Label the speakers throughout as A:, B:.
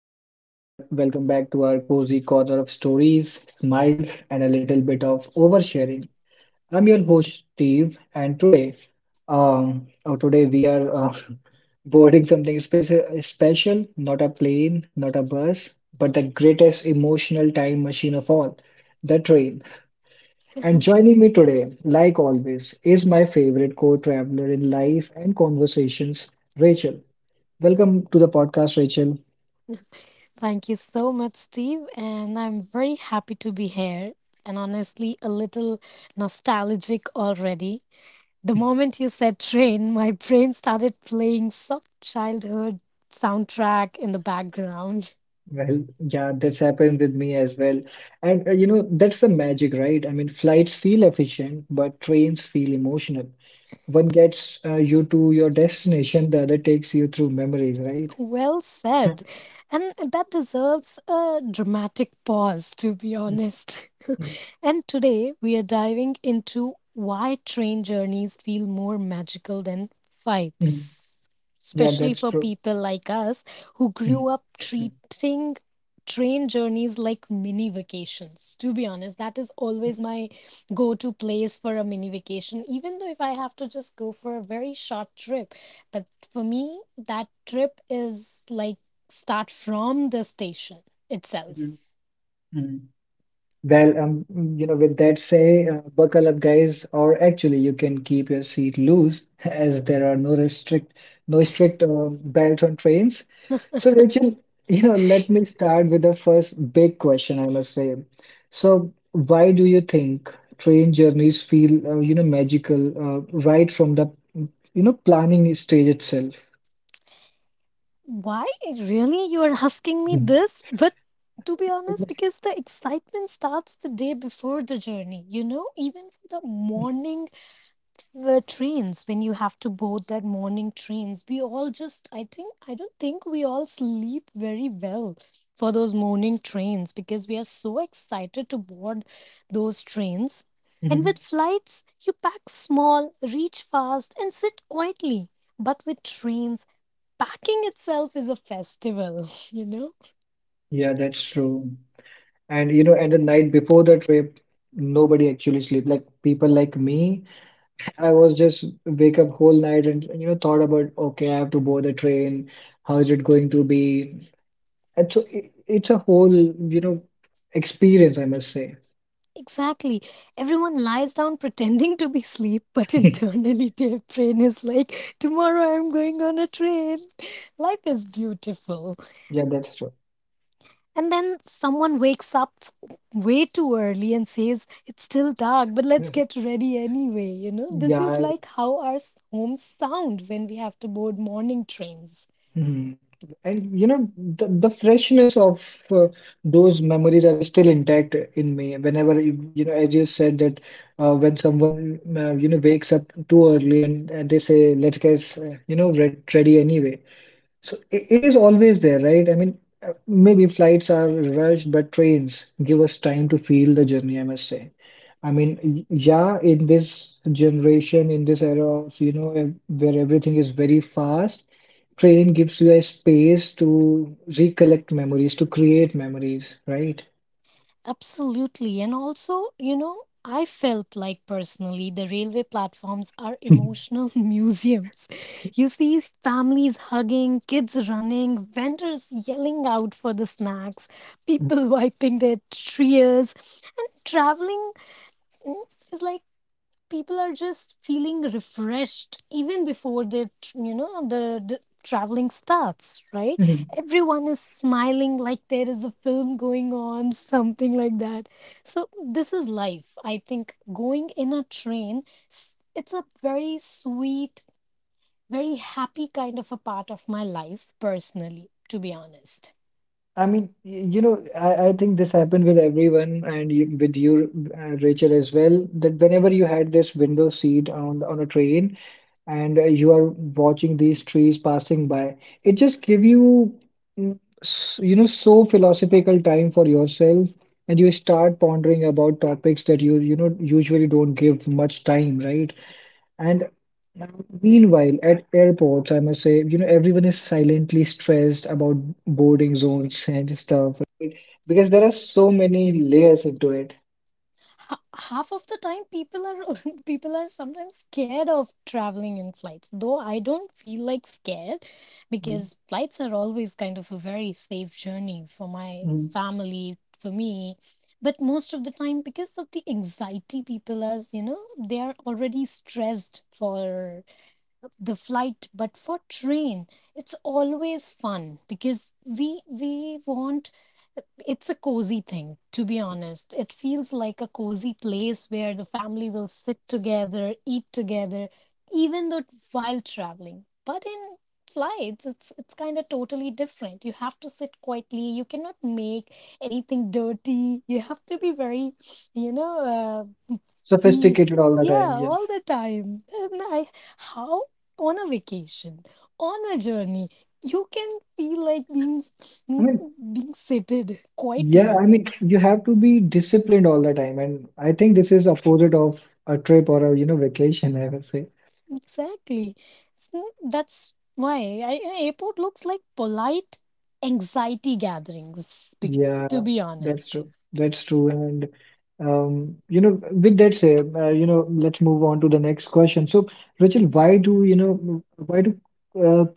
A: and welcome back to our cozy corner of stories, smiles, and a little bit of oversharing. I'm your host, Steve, and today, um, oh, today we are boarding something special, not a plane, not a bus, but the greatest emotional time machine of all, the train. And joining me today, like always, is my favorite co-traveler in life and conversations, Rachel. Welcome to the podcast, Rachel.
B: Thank you so much, Steve. And I'm very happy to be here and honestly a little nostalgic already. The moment you said train, my brain started playing some childhood soundtrack in the background.
A: Well, yeah, that's happened with me as well. And that's the magic, right? I mean, flights feel efficient, but trains feel emotional. One gets you to your destination, the other takes you through memories, right?
B: Well
A: Mm,
B: said. And that deserves a dramatic pause, to be honest.
A: mm,
B: And today we are diving into why train journeys feel more magical than
A: mm.
B: fights,
A: Yeah,
B: especially
A: that's
B: for
A: true.
B: people like us who grew up treating train journeys like mini vacations. To be honest, that is always my go to place for a mini vacation, even though if I have to just go for a very short trip. But for me, that trip is like start from the station
A: Mhm.
B: itself.
A: Well, with that say, buckle up, guys, or actually, you can keep your seat loose as there are no strict belts on trains. So, Rachel, let me start with the first big question, I must say. So, why do you think train journeys feel, magical right from the, planning stage itself?
B: Why really you are asking me
A: Mhm.
B: this? But to be honest, because the excitement starts the day before the journey, even for the morning the trains. When you have to board that morning trains, we all just I don't think we all sleep very well for those morning trains, because we are so excited to board those trains. And with
A: Mhm.
B: flights, you pack small, reach fast, and sit quietly, but with trains, packing itself is a festival you know
A: Yeah, that's true. And you know, and the night before the trip, nobody actually sleep. Like people like me, I was just wake up whole night and you know thought about okay, I have to board the train. How is it going to be? And so it's a whole you know experience, I must say.
B: Exactly. Everyone lies down pretending to be asleep, but internally their brain is like, Tomorrow I'm going on a train. Life is beautiful.
A: Yeah, that's true.
B: And then someone wakes up way too early and says, It's still dark, but let's get ready anyway. You know, this is
A: Yeah,
B: like how our homes sound when we have to board morning trains.
A: Mhm. And you know the freshness of those memories are still intact in me. Whenever you know, as you said that when someone wakes up too early and they say, "Let's get ready anyway," So it is always there, right? I mean, maybe flights are rushed, but trains give us time to feel the journey, I must say. I mean, yeah, in this generation, in this era of, you know, where everything is very fast, train gives you a space to recollect memories, to create memories, right?
B: Absolutely. And also, you know, I felt like personally the railway platforms are emotional museums. You see families hugging, kids running, vendors yelling out for the snacks, people wiping their tears, and traveling is like people are just feeling refreshed even before the the traveling starts. Right, everyone is smiling like there is a film going on, something like that. So this is life, I think. Going in a train, it's a very sweet, very happy kind of a part of my life, personally, to be honest.
A: I mean, you know, I think this happened with everyone and you, with you, Rachel, as well, that whenever you had this window seat on a train and you are watching these trees passing by, it just give you, you know, so philosophical time for yourself, and you start pondering about topics that you know, usually don't give much time, right? And meanwhile, at airports, I must say, you know, everyone is silently stressed about boarding zones and stuff, right? Because there are so many layers into it.
B: Ha- half of the time people are people are sometimes scared of traveling in flights, though I don't feel like scared,
A: Mm,
B: because flights are always kind of a very safe journey for my
A: mm.
B: family, for me. But most of the time, because of the anxiety, people are, they are already stressed for the flight. But for train, it's always fun, because we want, it's a cozy thing, to be honest. It feels like a cozy place where the family will sit together, eat together, even though while traveling. But in flights, it's kind of totally different. You have to sit quietly, you cannot make anything dirty, you have to be very, you know uh, be,
A: Sophisticated all the time,
B: yeah,
A: yes.
B: all the time. And I, how on a vacation, on a journey, you can feel like
A: I mean,
B: being seated
A: yeah,
B: quietly.
A: I mean, you have to be disciplined all the time, and I think this is opposite of a trip or a, you know, vacation, I would say.
B: Exactly. It's n- That's why, airport looks like polite anxiety gatherings,
A: Yeah,
B: to be
A: that's
B: honest.
A: true. That's true. And with that said, let's move on to the next question. So, Rachel, why do uh,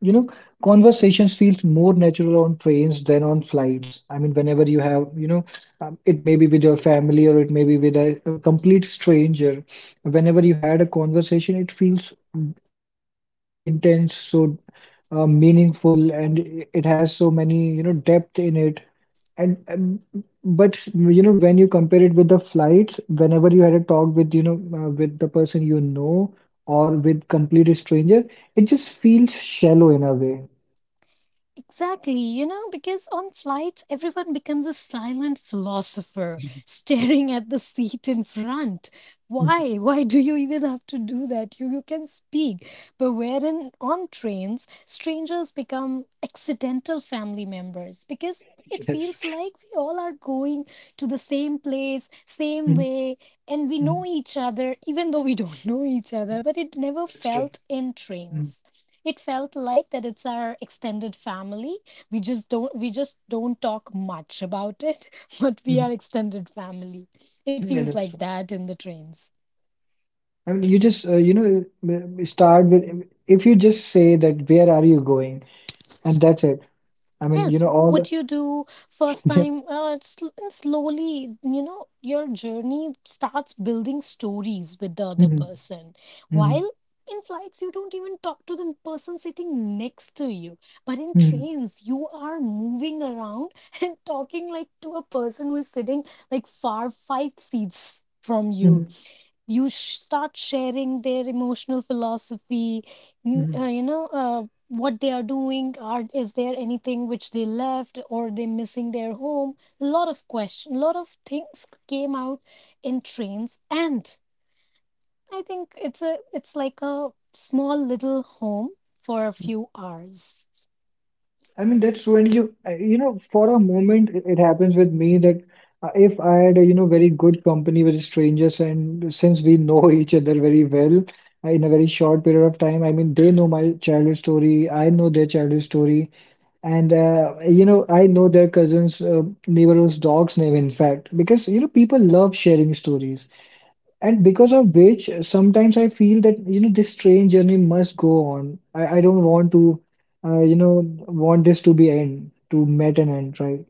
A: you know conversations feels more natural on trains than on flights? I mean, whenever you have it may be with your family or it may be with a complete stranger. Whenever you had a conversation, it feels you know so intense, so meaningful, and it has so many you know depth in it and but you know when you compare it with the flights, whenever you had a talk with you know with the person you know or with complete stranger, it just feels shallow in a way.
B: Exactly, because on flights, everyone becomes a silent philosopher staring at the seat in front. Why? Why do you even have to do that? You can speak. But wherein on trains, strangers become accidental family members, because it feels like we all are going to the same place, same
A: Mhm. Yes,
B: way, and we
A: Mhm.
B: know
A: Mhm.
B: each other, even though we don't know each other. But it never
A: That's true.
B: felt in
A: Mhm.
B: trains, it felt like that it's our extended family. We just don't talk much about it, but we are
A: Mhm.
B: extended family. It
A: Yeah,
B: feels
A: that's
B: like
A: true.
B: that in the trains.
A: I mean, you just start with if you just say that where are you going, and that's it. I mean, you
B: Yes,
A: know all the
B: what you do first
A: yeah.
B: time, and slowly, your journey starts building stories with the other
A: Mhm.
B: person.
A: Mhm.
B: While in flights, you don't even talk to the person sitting next to you. But in
A: Mhm.
B: trains, you are moving around and talking like to a person who is sitting like far five seats from you.
A: Mhm.
B: You start sharing their emotional philosophy.
A: Mhm.
B: What they are doing, are, is there anything which they left, or they missing their home? A lot of question, a lot of things came out in trains. And I think it's a, it's like a small little home for a few hours.
A: I mean, that's when you, you know, for a moment, it happens with me that if I had a, you know, very good company with strangers, and since we know each other very well in a very short period of time, I mean, they know my childhood story, I know their childhood story, and, I know their cousins, neighbor's dog's name, in fact, because, you know, people love sharing stories. And because of which, sometimes I feel that, you know, this train journey must go on. I don't want to, uh, you know, want this to be end, to met an end, right?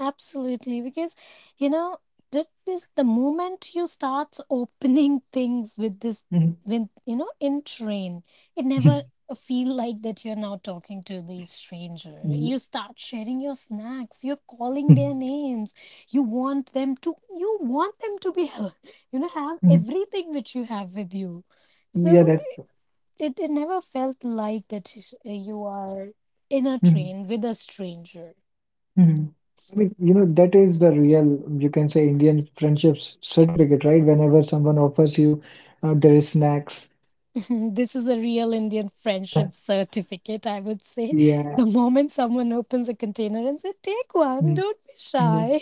B: Absolutely, because you know that is the moment you start opening things with this,
A: Mhm.
B: with in train, it never feel like that you're now talking to the stranger.
A: Mhm.
B: You start sharing your snacks. You're calling their names. You want them to. You want them to be, have
A: Mhm.
B: everything which you have with you.
A: Yeah,
B: So
A: that's true.
B: it never felt like that you are in a
A: Mhm.
B: train with a stranger.
A: Mhm. I mean, you know, that is the real, you can say, Indian friendships certificate, right? Whenever someone offers you there is snacks.
B: This is a real Indian friendship certificate, I would say. The
A: Yeah.
B: moment someone opens a container and says, Take one,
A: Mm.
B: don't be shy,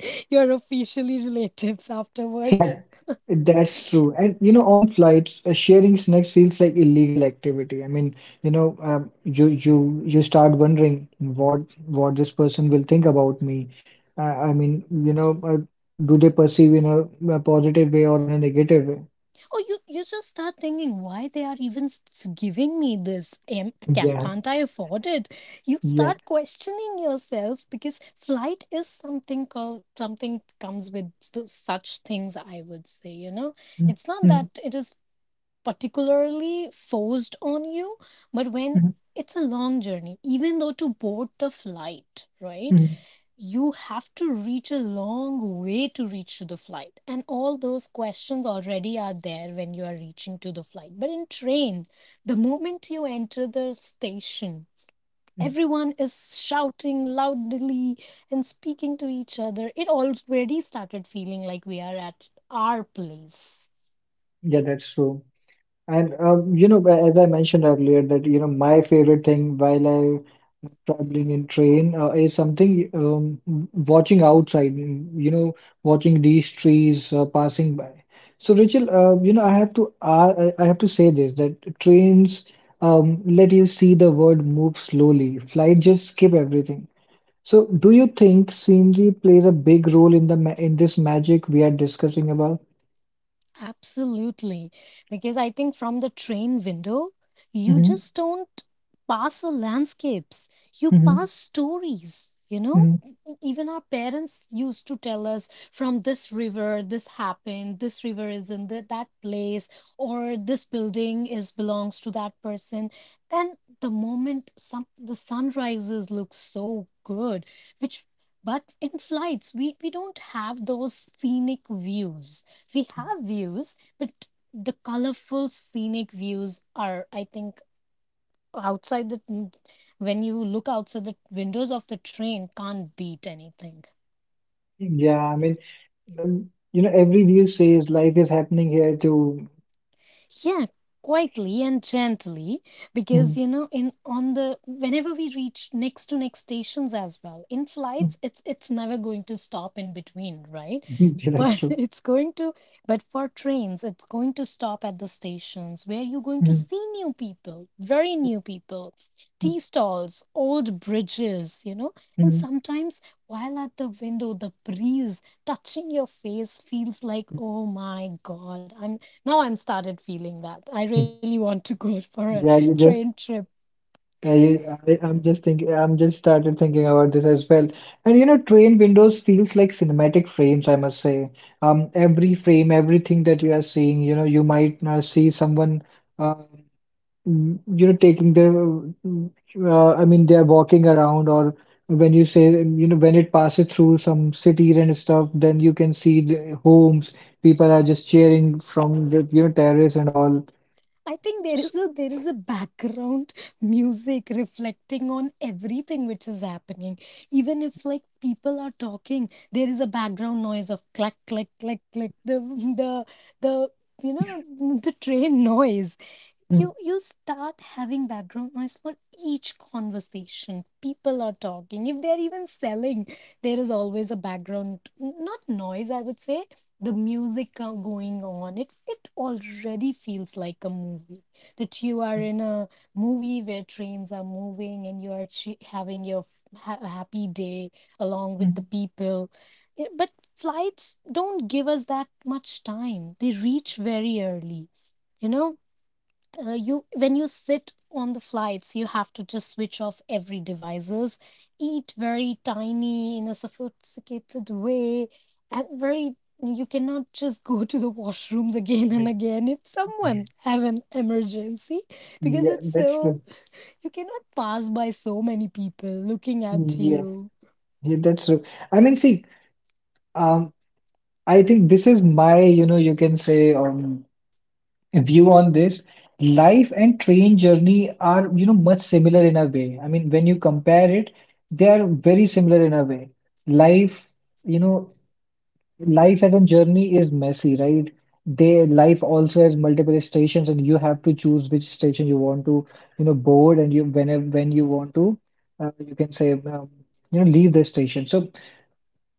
B: you're officially relatives afterwards.
A: Yeah, that's true. And you know, on flights, sharing snacks feels like illegal activity. I mean, you start wondering what this person will think about me. Uh, I mean, you know, uh, do they perceive in a positive way or in a negative way?
B: Oh, you just start thinking why they are even giving me this. Am, can,
A: Yeah,
B: can't I afford it? You
A: yeah.
B: start questioning yourself, because flight is something called, something comes with such things, I would say. You know,
A: Mhm,
B: it's not that it is particularly forced on you, but when
A: mhm,
B: it's a long journey, even though to board the flight, right?
A: mhm,
B: You have to reach a long way to reach to the flight. And all those questions already are there when you are reaching to the flight. But in train, the moment you enter the station,
A: mhm.
B: everyone is shouting loudly and speaking to each other. It already started feeling like we are at our place.
A: Yeah, that's true. And as I mentioned earlier, that you know, my favorite thing while I am traveling in train is something watching outside. You know, watching these trees passing by. So, Rachel, I have to I have to say this that trains let you see the world move slowly. Flight just skip everything. So, do you think scenery plays a big role in the ma in this magic we are discussing about?
B: Absolutely. Because I think from the train window, you
A: Hmm.
B: just don't pass the landscapes, you
A: Hmm.
B: pass stories, you know?
A: Hmm.
B: Even our parents used to tell us, from this river this happened, this river is in that place, or this building is belongs to that person. And the moment some the sun rises looks so good, which, but in flights we don't have those scenic views. We have views, but the colorful scenic views are, I think, outside the, when you look outside the windows of the train, can't beat anything.
A: Yeah, I mean, you know, every view says life is happening here too.
B: Yeah, quietly and gently, because
A: Mm,
B: you know, in on the whenever we reach next to next stations as well, in
A: mm,
B: flights, it's never going to stop in between, right?
A: yeah, that's
B: But
A: true.
B: it's going to, but for trains, it's going to stop at the stations where you're going to
A: Mm,
B: see new people, very new people,
A: mm,
B: tea stalls, old bridges, you know. And
A: mm,
B: sometimes while at the window, the breeze touching your face feels like, oh my God, I'm started feeling that. I really
A: mm.
B: want to go for a
A: Yeah, you
B: train
A: just,
B: trip.
A: I, I'm just thinking, I'm just started thinking about this as well. And you know, train windows feels like cinematic frames, I must say. Every frame, everything that you are seeing, you know, you might see someone. Um, you know taking their I mean they're walking around or when you say you know when it passes through some cities and stuff then you can see the homes people are just cheering from the you know terrace and all
B: I think there is
A: S-
B: a, there is a background music reflecting on everything which is happening. Even if like people are talking, there is a background noise of clack clack clack clack, the the the train noise.
A: Mm,
B: You start having background noise for each conversation. People are talking, if they're even selling, there is always a background, not noise, I would say, the music going on. It already feels like a movie, that you are
A: mm,
B: in a movie where trains are moving and you are having your happy day along with the
A: mm.
B: people. Yeah, but flights don't give us that much time, they reach very early, you know you when you sit on the flights you have to just switch off every devices, eat very tiny in a sophisticated way, and very, you cannot just go to the washrooms again and again if
A: Yeah.
B: someone have an emergency, because
A: Yeah,
B: it's
A: that's
B: so,
A: true.
B: you cannot pass by so many people looking at
A: yeah
B: you.
A: yeah that's true. I mean see um I think this is my you know you can say view on this. Life and train journey are, you know, much similar in a way. I mean, when you compare it, they are very similar in a way. Life, you know, life as a journey is messy, right? They life also has multiple stations, and you have to choose which station you want to, you know, board, and you whenever when you want to, you can say, you know, leave the station. So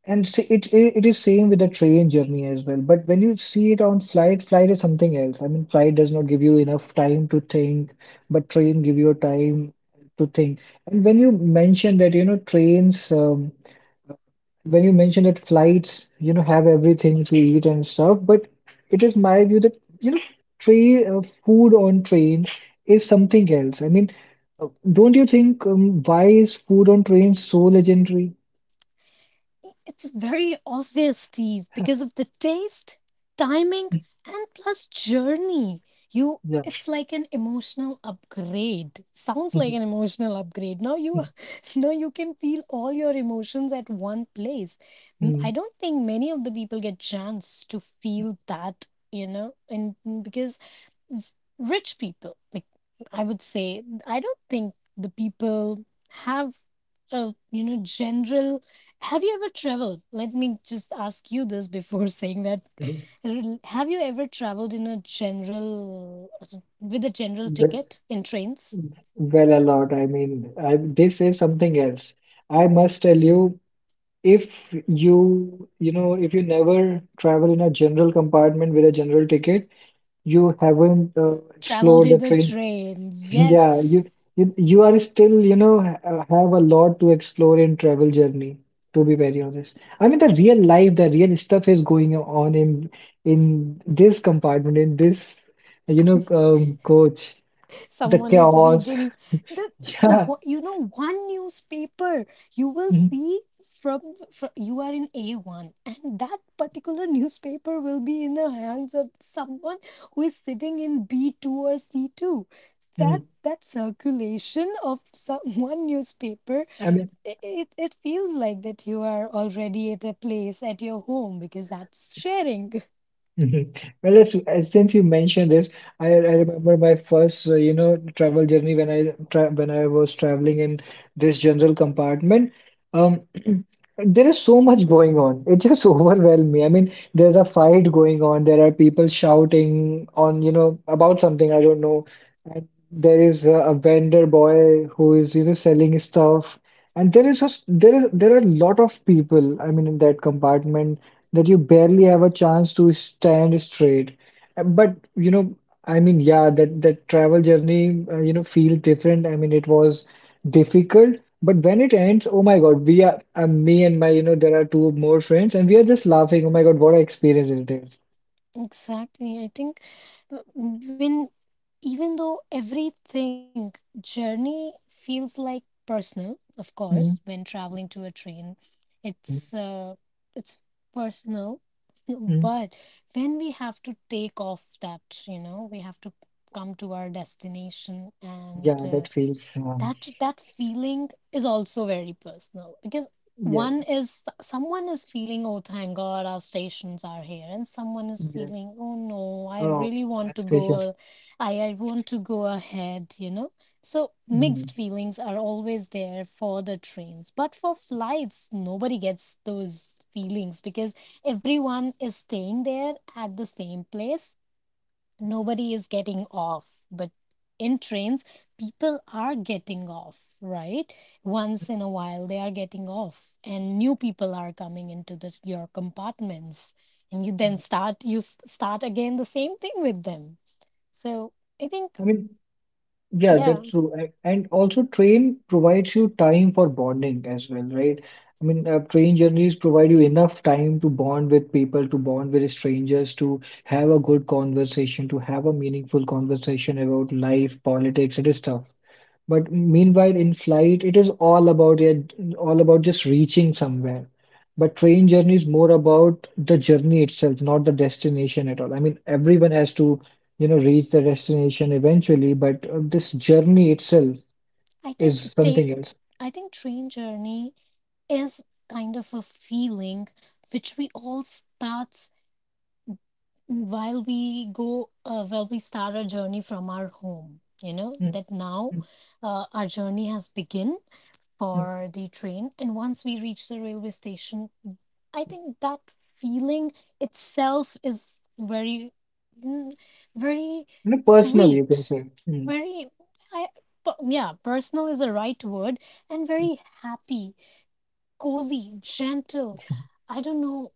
A: and see, it is same with the train journey as well. But when you see it on flight, flight is something else. I mean, flight does not give you enough time to think, but train give you time to think. And when you mention that, you know, trains, when you mention that flights, you know, have everything to eat and stuff, but it is my view that, you know, train food on train is something else. I mean, don't you think why is food on train so legendary?
B: It's very obvious, Steve, because of the taste, timing, and plus journey. You
A: Yeah.
B: It's like an emotional upgrade. Sounds like an emotional upgrade. Now you
A: Mhm.
B: now you can feel all your emotions at one place. I
A: Mhm.
B: don't think many of the people get chance to feel that, you know, and because rich people, like, I would say, I don't think the people have a, general, have you ever traveled? Let me just ask you this, before saying that, have you ever traveled in a general, with a general
A: Well,
B: ticket in trains,
A: well, a lot. I mean, they say something else. I must tell you, if you, you know, if you never travel in a general compartment with a general ticket, you haven't
B: traveled
A: explored the
B: in a
A: train.
B: train?
A: Yeah,
B: Yes.
A: you are still, you know, ha have a lot to explore in travel journey, to be very honest. I mean, the real life, the real stuff is going on in this compartment, in this, coach, the
B: Someone is
A: chaos.
B: reading the,
A: Yeah.
B: one newspaper. You will
A: Mhm,
B: see, from, from you are in A1, and that particular newspaper will be in the hands of someone who is sitting in B2 or C2. that
A: mhm.
B: that circulation of some, one newspaper,
A: I mean,
B: it feels like that you are already at a place at your home, because that's sharing.
A: mhm. Well, if, since you mentioned this, I remember my first, travel journey when I tra when I was traveling in this general compartment. Um, there is so much going on. It just overwhelmed me. I mean, there's a fight going on. There are people shouting on, you know, about something I don't know. And there is a vendor boy who is, you know, selling stuff. And there is there are a lot of people. I mean, in that compartment that you barely have a chance to stand straight. But you know, I mean, yeah, that travel journey, feels different. I mean, it was difficult, but when it ends, oh my God, we are me and my, there are two more friends, and we are just laughing. Oh my God, what an experience it is.
B: Exactly. I think, when, even though everything, journey feels like personal, of course,
A: Mm,
B: when traveling to a train,
A: mm,
B: it's uh, it's personal.
A: mm.
B: But when we have to take off that, we have to come to our destination and
A: Yeah, that feels.
B: that feeling is also very personal because
A: Yeah,
B: one is someone is feeling, oh, thank God, our stations are here, and someone is
A: yeah.
B: feeling, oh no, I
A: Oh,
B: really
A: hill
B: want to go
A: stations.
B: I want to go ahead, you know. So mixed
A: Mm,
B: feelings are always there for the trains, but for flights nobody gets those feelings because everyone is staying there at the same place, nobody is getting off. But in trains people are getting off, right? Once in a while they are getting off and new people are coming into the your compartments, and you then
A: mm.
B: start again the same thing with them. So I think
A: I mean. Yeah,
B: yeah
A: that's true. And also, train provides you time for bonding as well, right? I mean, train journeys provide you enough time to bond with people, to bond with strangers, to have a good conversation, to have a meaningful conversation about life, politics, and stuff. But meanwhile, in flight, it is all about yeah, all about just reaching somewhere. But train journey is more about the journey itself, not the destination at all. I mean, everyone has to, reach the destination eventually, but this journey itself
B: I think
A: is
B: they
A: something else.
B: I think train journey is kind of a feeling which we all start while we go while we start our journey from our home. You know
A: Mm,
B: that now
A: mm,
B: our journey has begun
A: mm.
B: for the train, and once we reach the railway station, I think that feeling itself is very mm, very
A: You know, personal, you can
B: sweet,
A: say. Mm.
B: very I but yeah, personal is the right word. And very happy, cozy, gentle. I don't know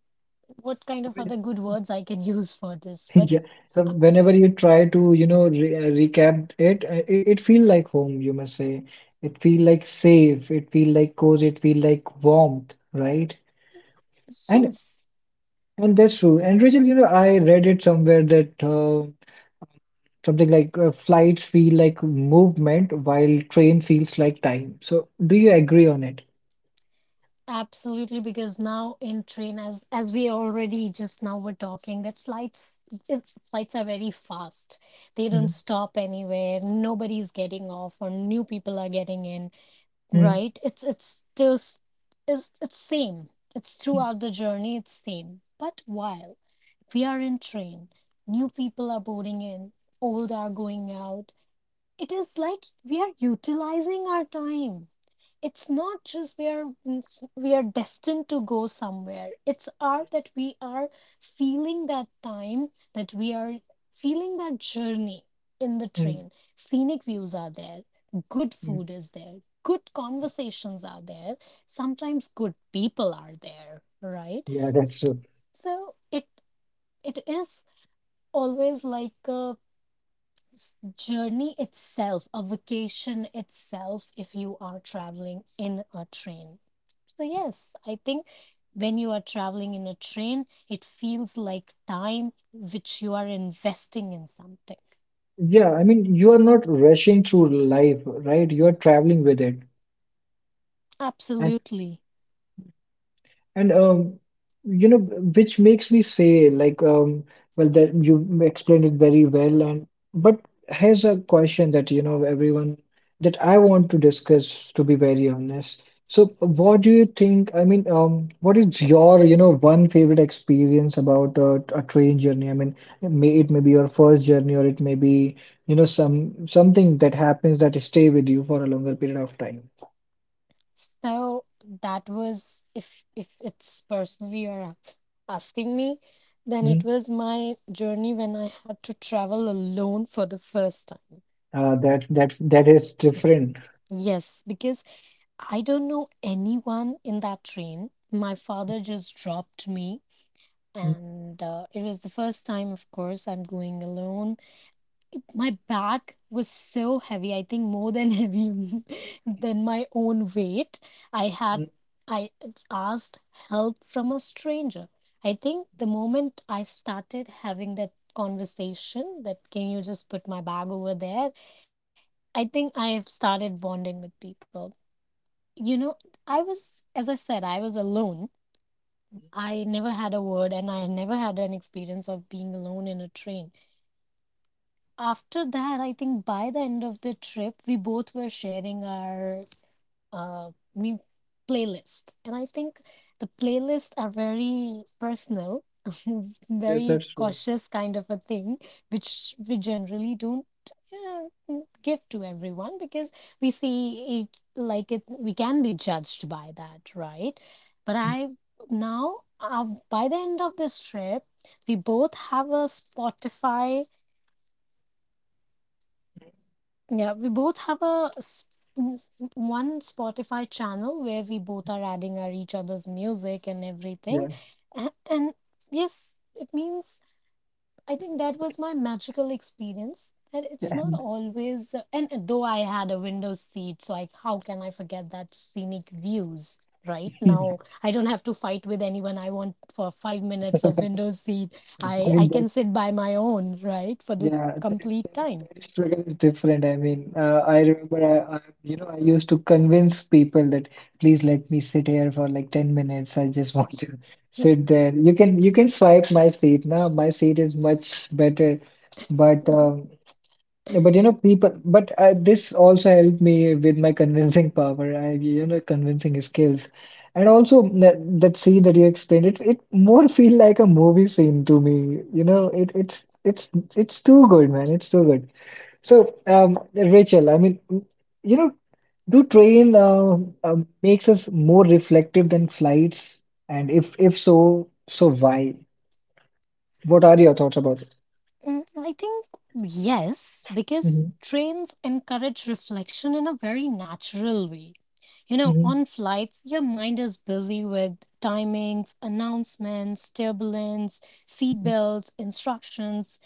B: what kind of other good words I can use for this. But
A: Yeah. So whenever you try to, you know, re recap it feel like home, you must say. It feel like safe. It feel like cozy. It feel like warmth, right? And
B: yes,
A: and that's true. And Rachel, you know, I read it somewhere that something like flights feel like movement while train feels like time. So do you agree on it?
B: absolutely. Because now in train, as we already just now were talking, that is, flights are very fast. They don't
A: Mm,
B: stop anywhere. Nobody's getting off, or new people are getting in.
A: mm,
B: Right? It's just it's same. It's throughout the journey, it's same. But while we are in train, new people are boarding in, old are going out. It is like we are utilizing our time. It's not just we are we are destined to go somewhere. It's our that we are feeling that time, that we are feeling that journey in the
A: mm,
B: train. Scenic views are there, good
A: mm.
B: food is there, good conversations are there, sometimes good people are there, right?
A: Yeah, that's true.
B: So it is always like a journey itself, a vacation itself, if you are traveling in a train. So yes, I think when you are traveling in a train, it feels like time which you are investing in something.
A: Yeah, I mean, you are not rushing through life, right? You are traveling with it.
B: Absolutely.
A: And you know, which makes me say, like, well, that you explained it very well. And but Here's a question that you know everyone that I want to discuss, to be very honest. So, what do you think? I mean, what is your one favorite experience about a train journey? I mean, it may be your first journey, or it may be some something that happens that stay with you for a longer period of time.
B: So that was, if it's personally you're asking me, then
A: Hmm?
B: it was my journey when I had to travel alone for the first time.
A: That is different.
B: Yes, because I don't know anyone in that train. My father just dropped me,
A: Hmm?
B: and it was the first time, of course, I'm going alone. My bag was so heavy, I think more than heavy than my own weight. I had I asked help from a stranger. I think the moment I started having that conversation, that can you just put my bag over there? I think I have started bonding with people. You know, I was, as I said, I was alone. I never had a word and I never had an experience of being alone in a train. After that, I think by the end of the trip, we both were sharing our mean playlist. And I think the playlists are very personal,
A: Yes,
B: very
A: that's true.
B: cautious kind of a thing, which we generally don't uh, give to everyone, because we see it like it we can be judged by that, right? But I now by the end of this trip, we both have a Spotify. Yeah, we both have one Spotify channel where we both are adding our each other's music and everything.
A: Yeah.
B: And yes, it means I think that was my magical experience. And it's
A: Yeah,
B: not always, and though I had a window seat, so like how can I forget that scenic views? Right
A: I
B: now, I don't have to fight with anyone. I want for 5 minutes of window seat. I
A: mean
B: can
A: that.
B: sit by my own, right, for the
A: Yeah,
B: complete time.
A: that struggle is different. I mean, I remember, you know, I used to convince people that please let me sit here for like 10 minutes. I just want to sit there. You can swipe my seat now. My seat is much better. But yeah, but you know, people, but this also helped me with my convincing power. I, you know, convincing skills, and also that, that scene that you explained it, it more feel like a movie scene to me. It's it's too good, man. It's too good. So, Rachel, I mean, you know, do train uh, makes us more reflective than flights, and if so, so why? What are your thoughts about it?
B: Mm, I think yes, because
A: Hmm,
B: trains encourage reflection in a very natural way. You know,
A: hmm.
B: on flights, your mind is busy with timings, announcements, turbulence, seat belts, instructions,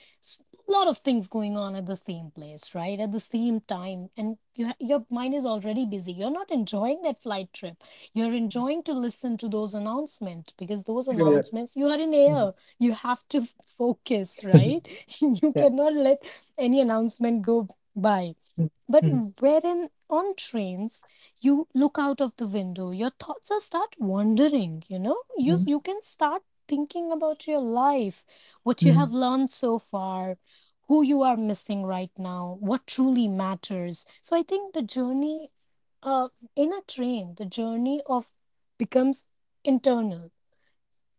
B: a lot of things going on at the same place, right? At the same time. And you your mind is already busy. You're not enjoying that flight trip. You're enjoying to listen to those announcements because those
A: Yeah, yeah.
B: announcements, you are in
A: Mhm.
B: air, you have to focus, right? You
A: Yeah.
B: cannot let any announcement go by.
A: Mm,
B: But
A: mm,
B: wherein on trains, you look out of the window, your thoughts are start wandering, you know. you
A: mm,
B: you can start thinking about your life, what you have
A: mm,
B: learned so far, who you are missing right now, what truly matters. So I think the journey, uh, in a train the journey of becomes internal.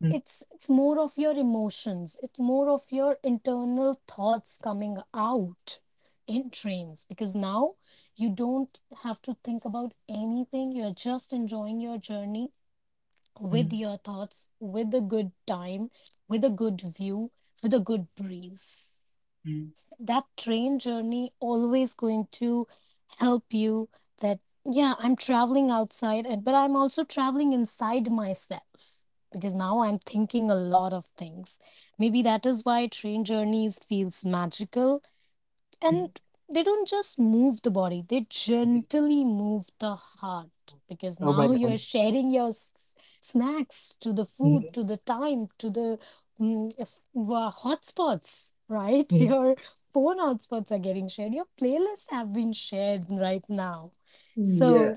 A: mm,
B: It's more of your emotions, it's more of your internal thoughts coming out in trains, because now you don't have to think about anything, you're just enjoying your journey with
A: mm,
B: your thoughts, with a good time, with a good view, with a good breeze.
A: mm,
B: That train journey always going to help you. That yeah, I'm traveling outside and but I'm also traveling inside myself, because now I'm thinking a lot of things. Maybe that is why train journeys feels magical. And
A: mm.
B: they don't just move the body, they gently move the heart, because
A: Oh my
B: now you're
A: God.
B: sharing your snacks to the food,
A: Hmm.
B: to the time, to the hotspots, right? Your phone hotspots are getting shared, your playlists have been shared right now. So
A: Yeah.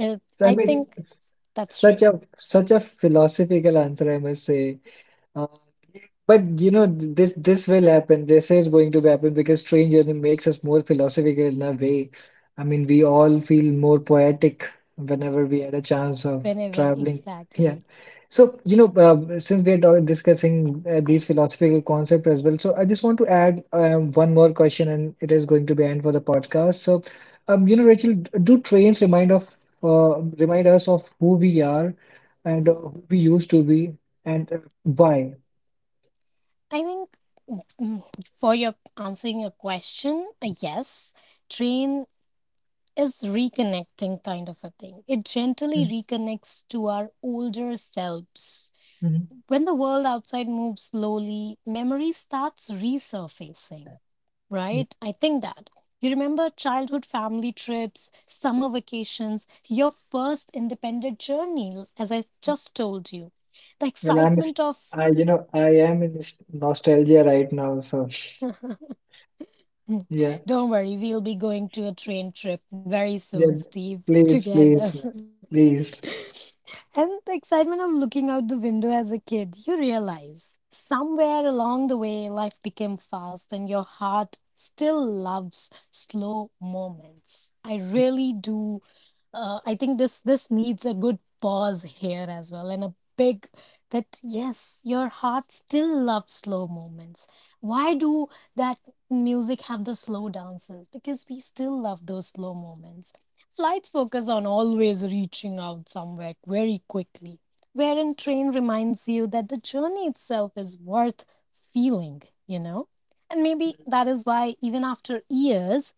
B: uh,
A: So I
B: I
A: mean,
B: think
A: it's
B: that's true.
A: such a philosophical answer, I must say. Uh, but you know this this will happen. This is going to happen because train journey makes us more philosophical in a way. I mean, we all feel more poetic whenever we had a chance of
B: Whenever,
A: traveling. Yeah.
B: exactly.
A: So you know, since we are discussing these philosophical concepts as well, so I just want to add one more question, and it is going to be end for the podcast. So, you know, Rachel, do trains remind of remind us of who we are and who we used to be? And why?
B: I think, mm, for your answering a question, a yes. Train is reconnecting kind of a thing. It gently
A: Mhm,
B: reconnects to our older selves.
A: mhm,
B: When the world outside moves slowly, memory starts resurfacing,
A: mhm.
B: right? I think that. You remember childhood family trips, summer vacations, your first independent journey, as I just told you. The
A: Well, I'm, ex-
B: excitement of.
A: I, you know, I am in this nostalgia right now. So, yeah,
B: Don't worry, we'll be going to a train trip very soon,
A: yeah.
B: Steve,
A: Please,
B: together.
A: please, man, please.
B: And the excitement of looking out the window as a kid, you realize somewhere along the way life became fast and your heart still loves slow moments. I really do. I think this needs a good pause here as well, and a big that yes, your heart still loves slow moments. Why do that music have the slow dances? Because we still love those slow moments. Flights focus on always reaching out somewhere very quickly, wherein train reminds you that the journey itself is worth feeling, you know? And maybe that is why even after years,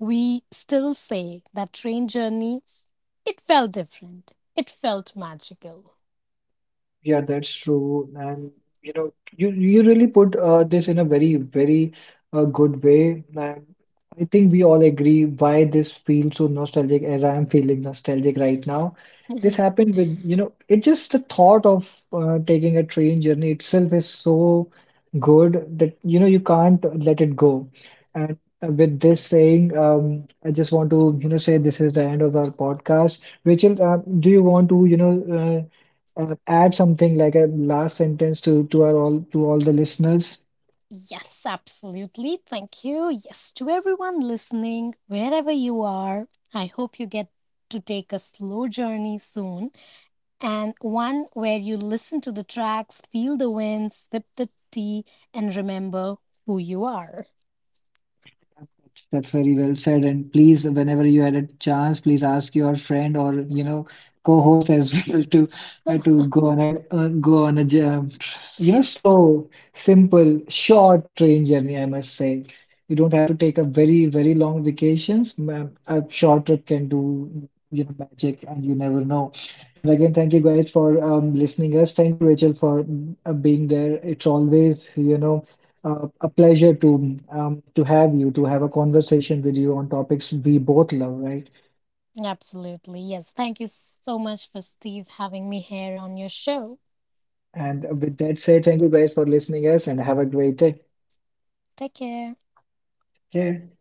B: we still say that train journey, it felt different. It felt magical.
A: Yeah, that's true. And you know, you really put this in a very, very good way. And I think we all agree why this feels so nostalgic as I am feeling nostalgic right now. This happened with, you know, it just the thought of taking a train journey itself is so good that, you know, you can't let it go. And with this saying, I just want to, you know, say this is the end of our podcast. Rachel, do you want to, you know, add something like a last sentence to our all to all the listeners?
B: Yes, absolutely. Thank you. Yes, to everyone listening, wherever you are, I hope you get to take a slow journey soon, and one where you listen to the tracks, feel the wind, sip the tea, and remember who you are.
A: That's very well said. And please, whenever you had a chance, please ask your friend or you know co-host as well to go on a you know slow, simple, short train journey. I must say, you don't have to take a very very long vacations. A short trip can do you know magic, and you never know. And again, thank you guys for listening us. Thank you, Rachel, for being there. It's always you know. A pleasure to have you, to have a conversation with you on topics we both love, right?
B: Absolutely. Yes. Thank you so much for Steve having me here on your show.
A: And with that said, thank you guys for listening us and have a great day.
B: Take care.
A: Yeah.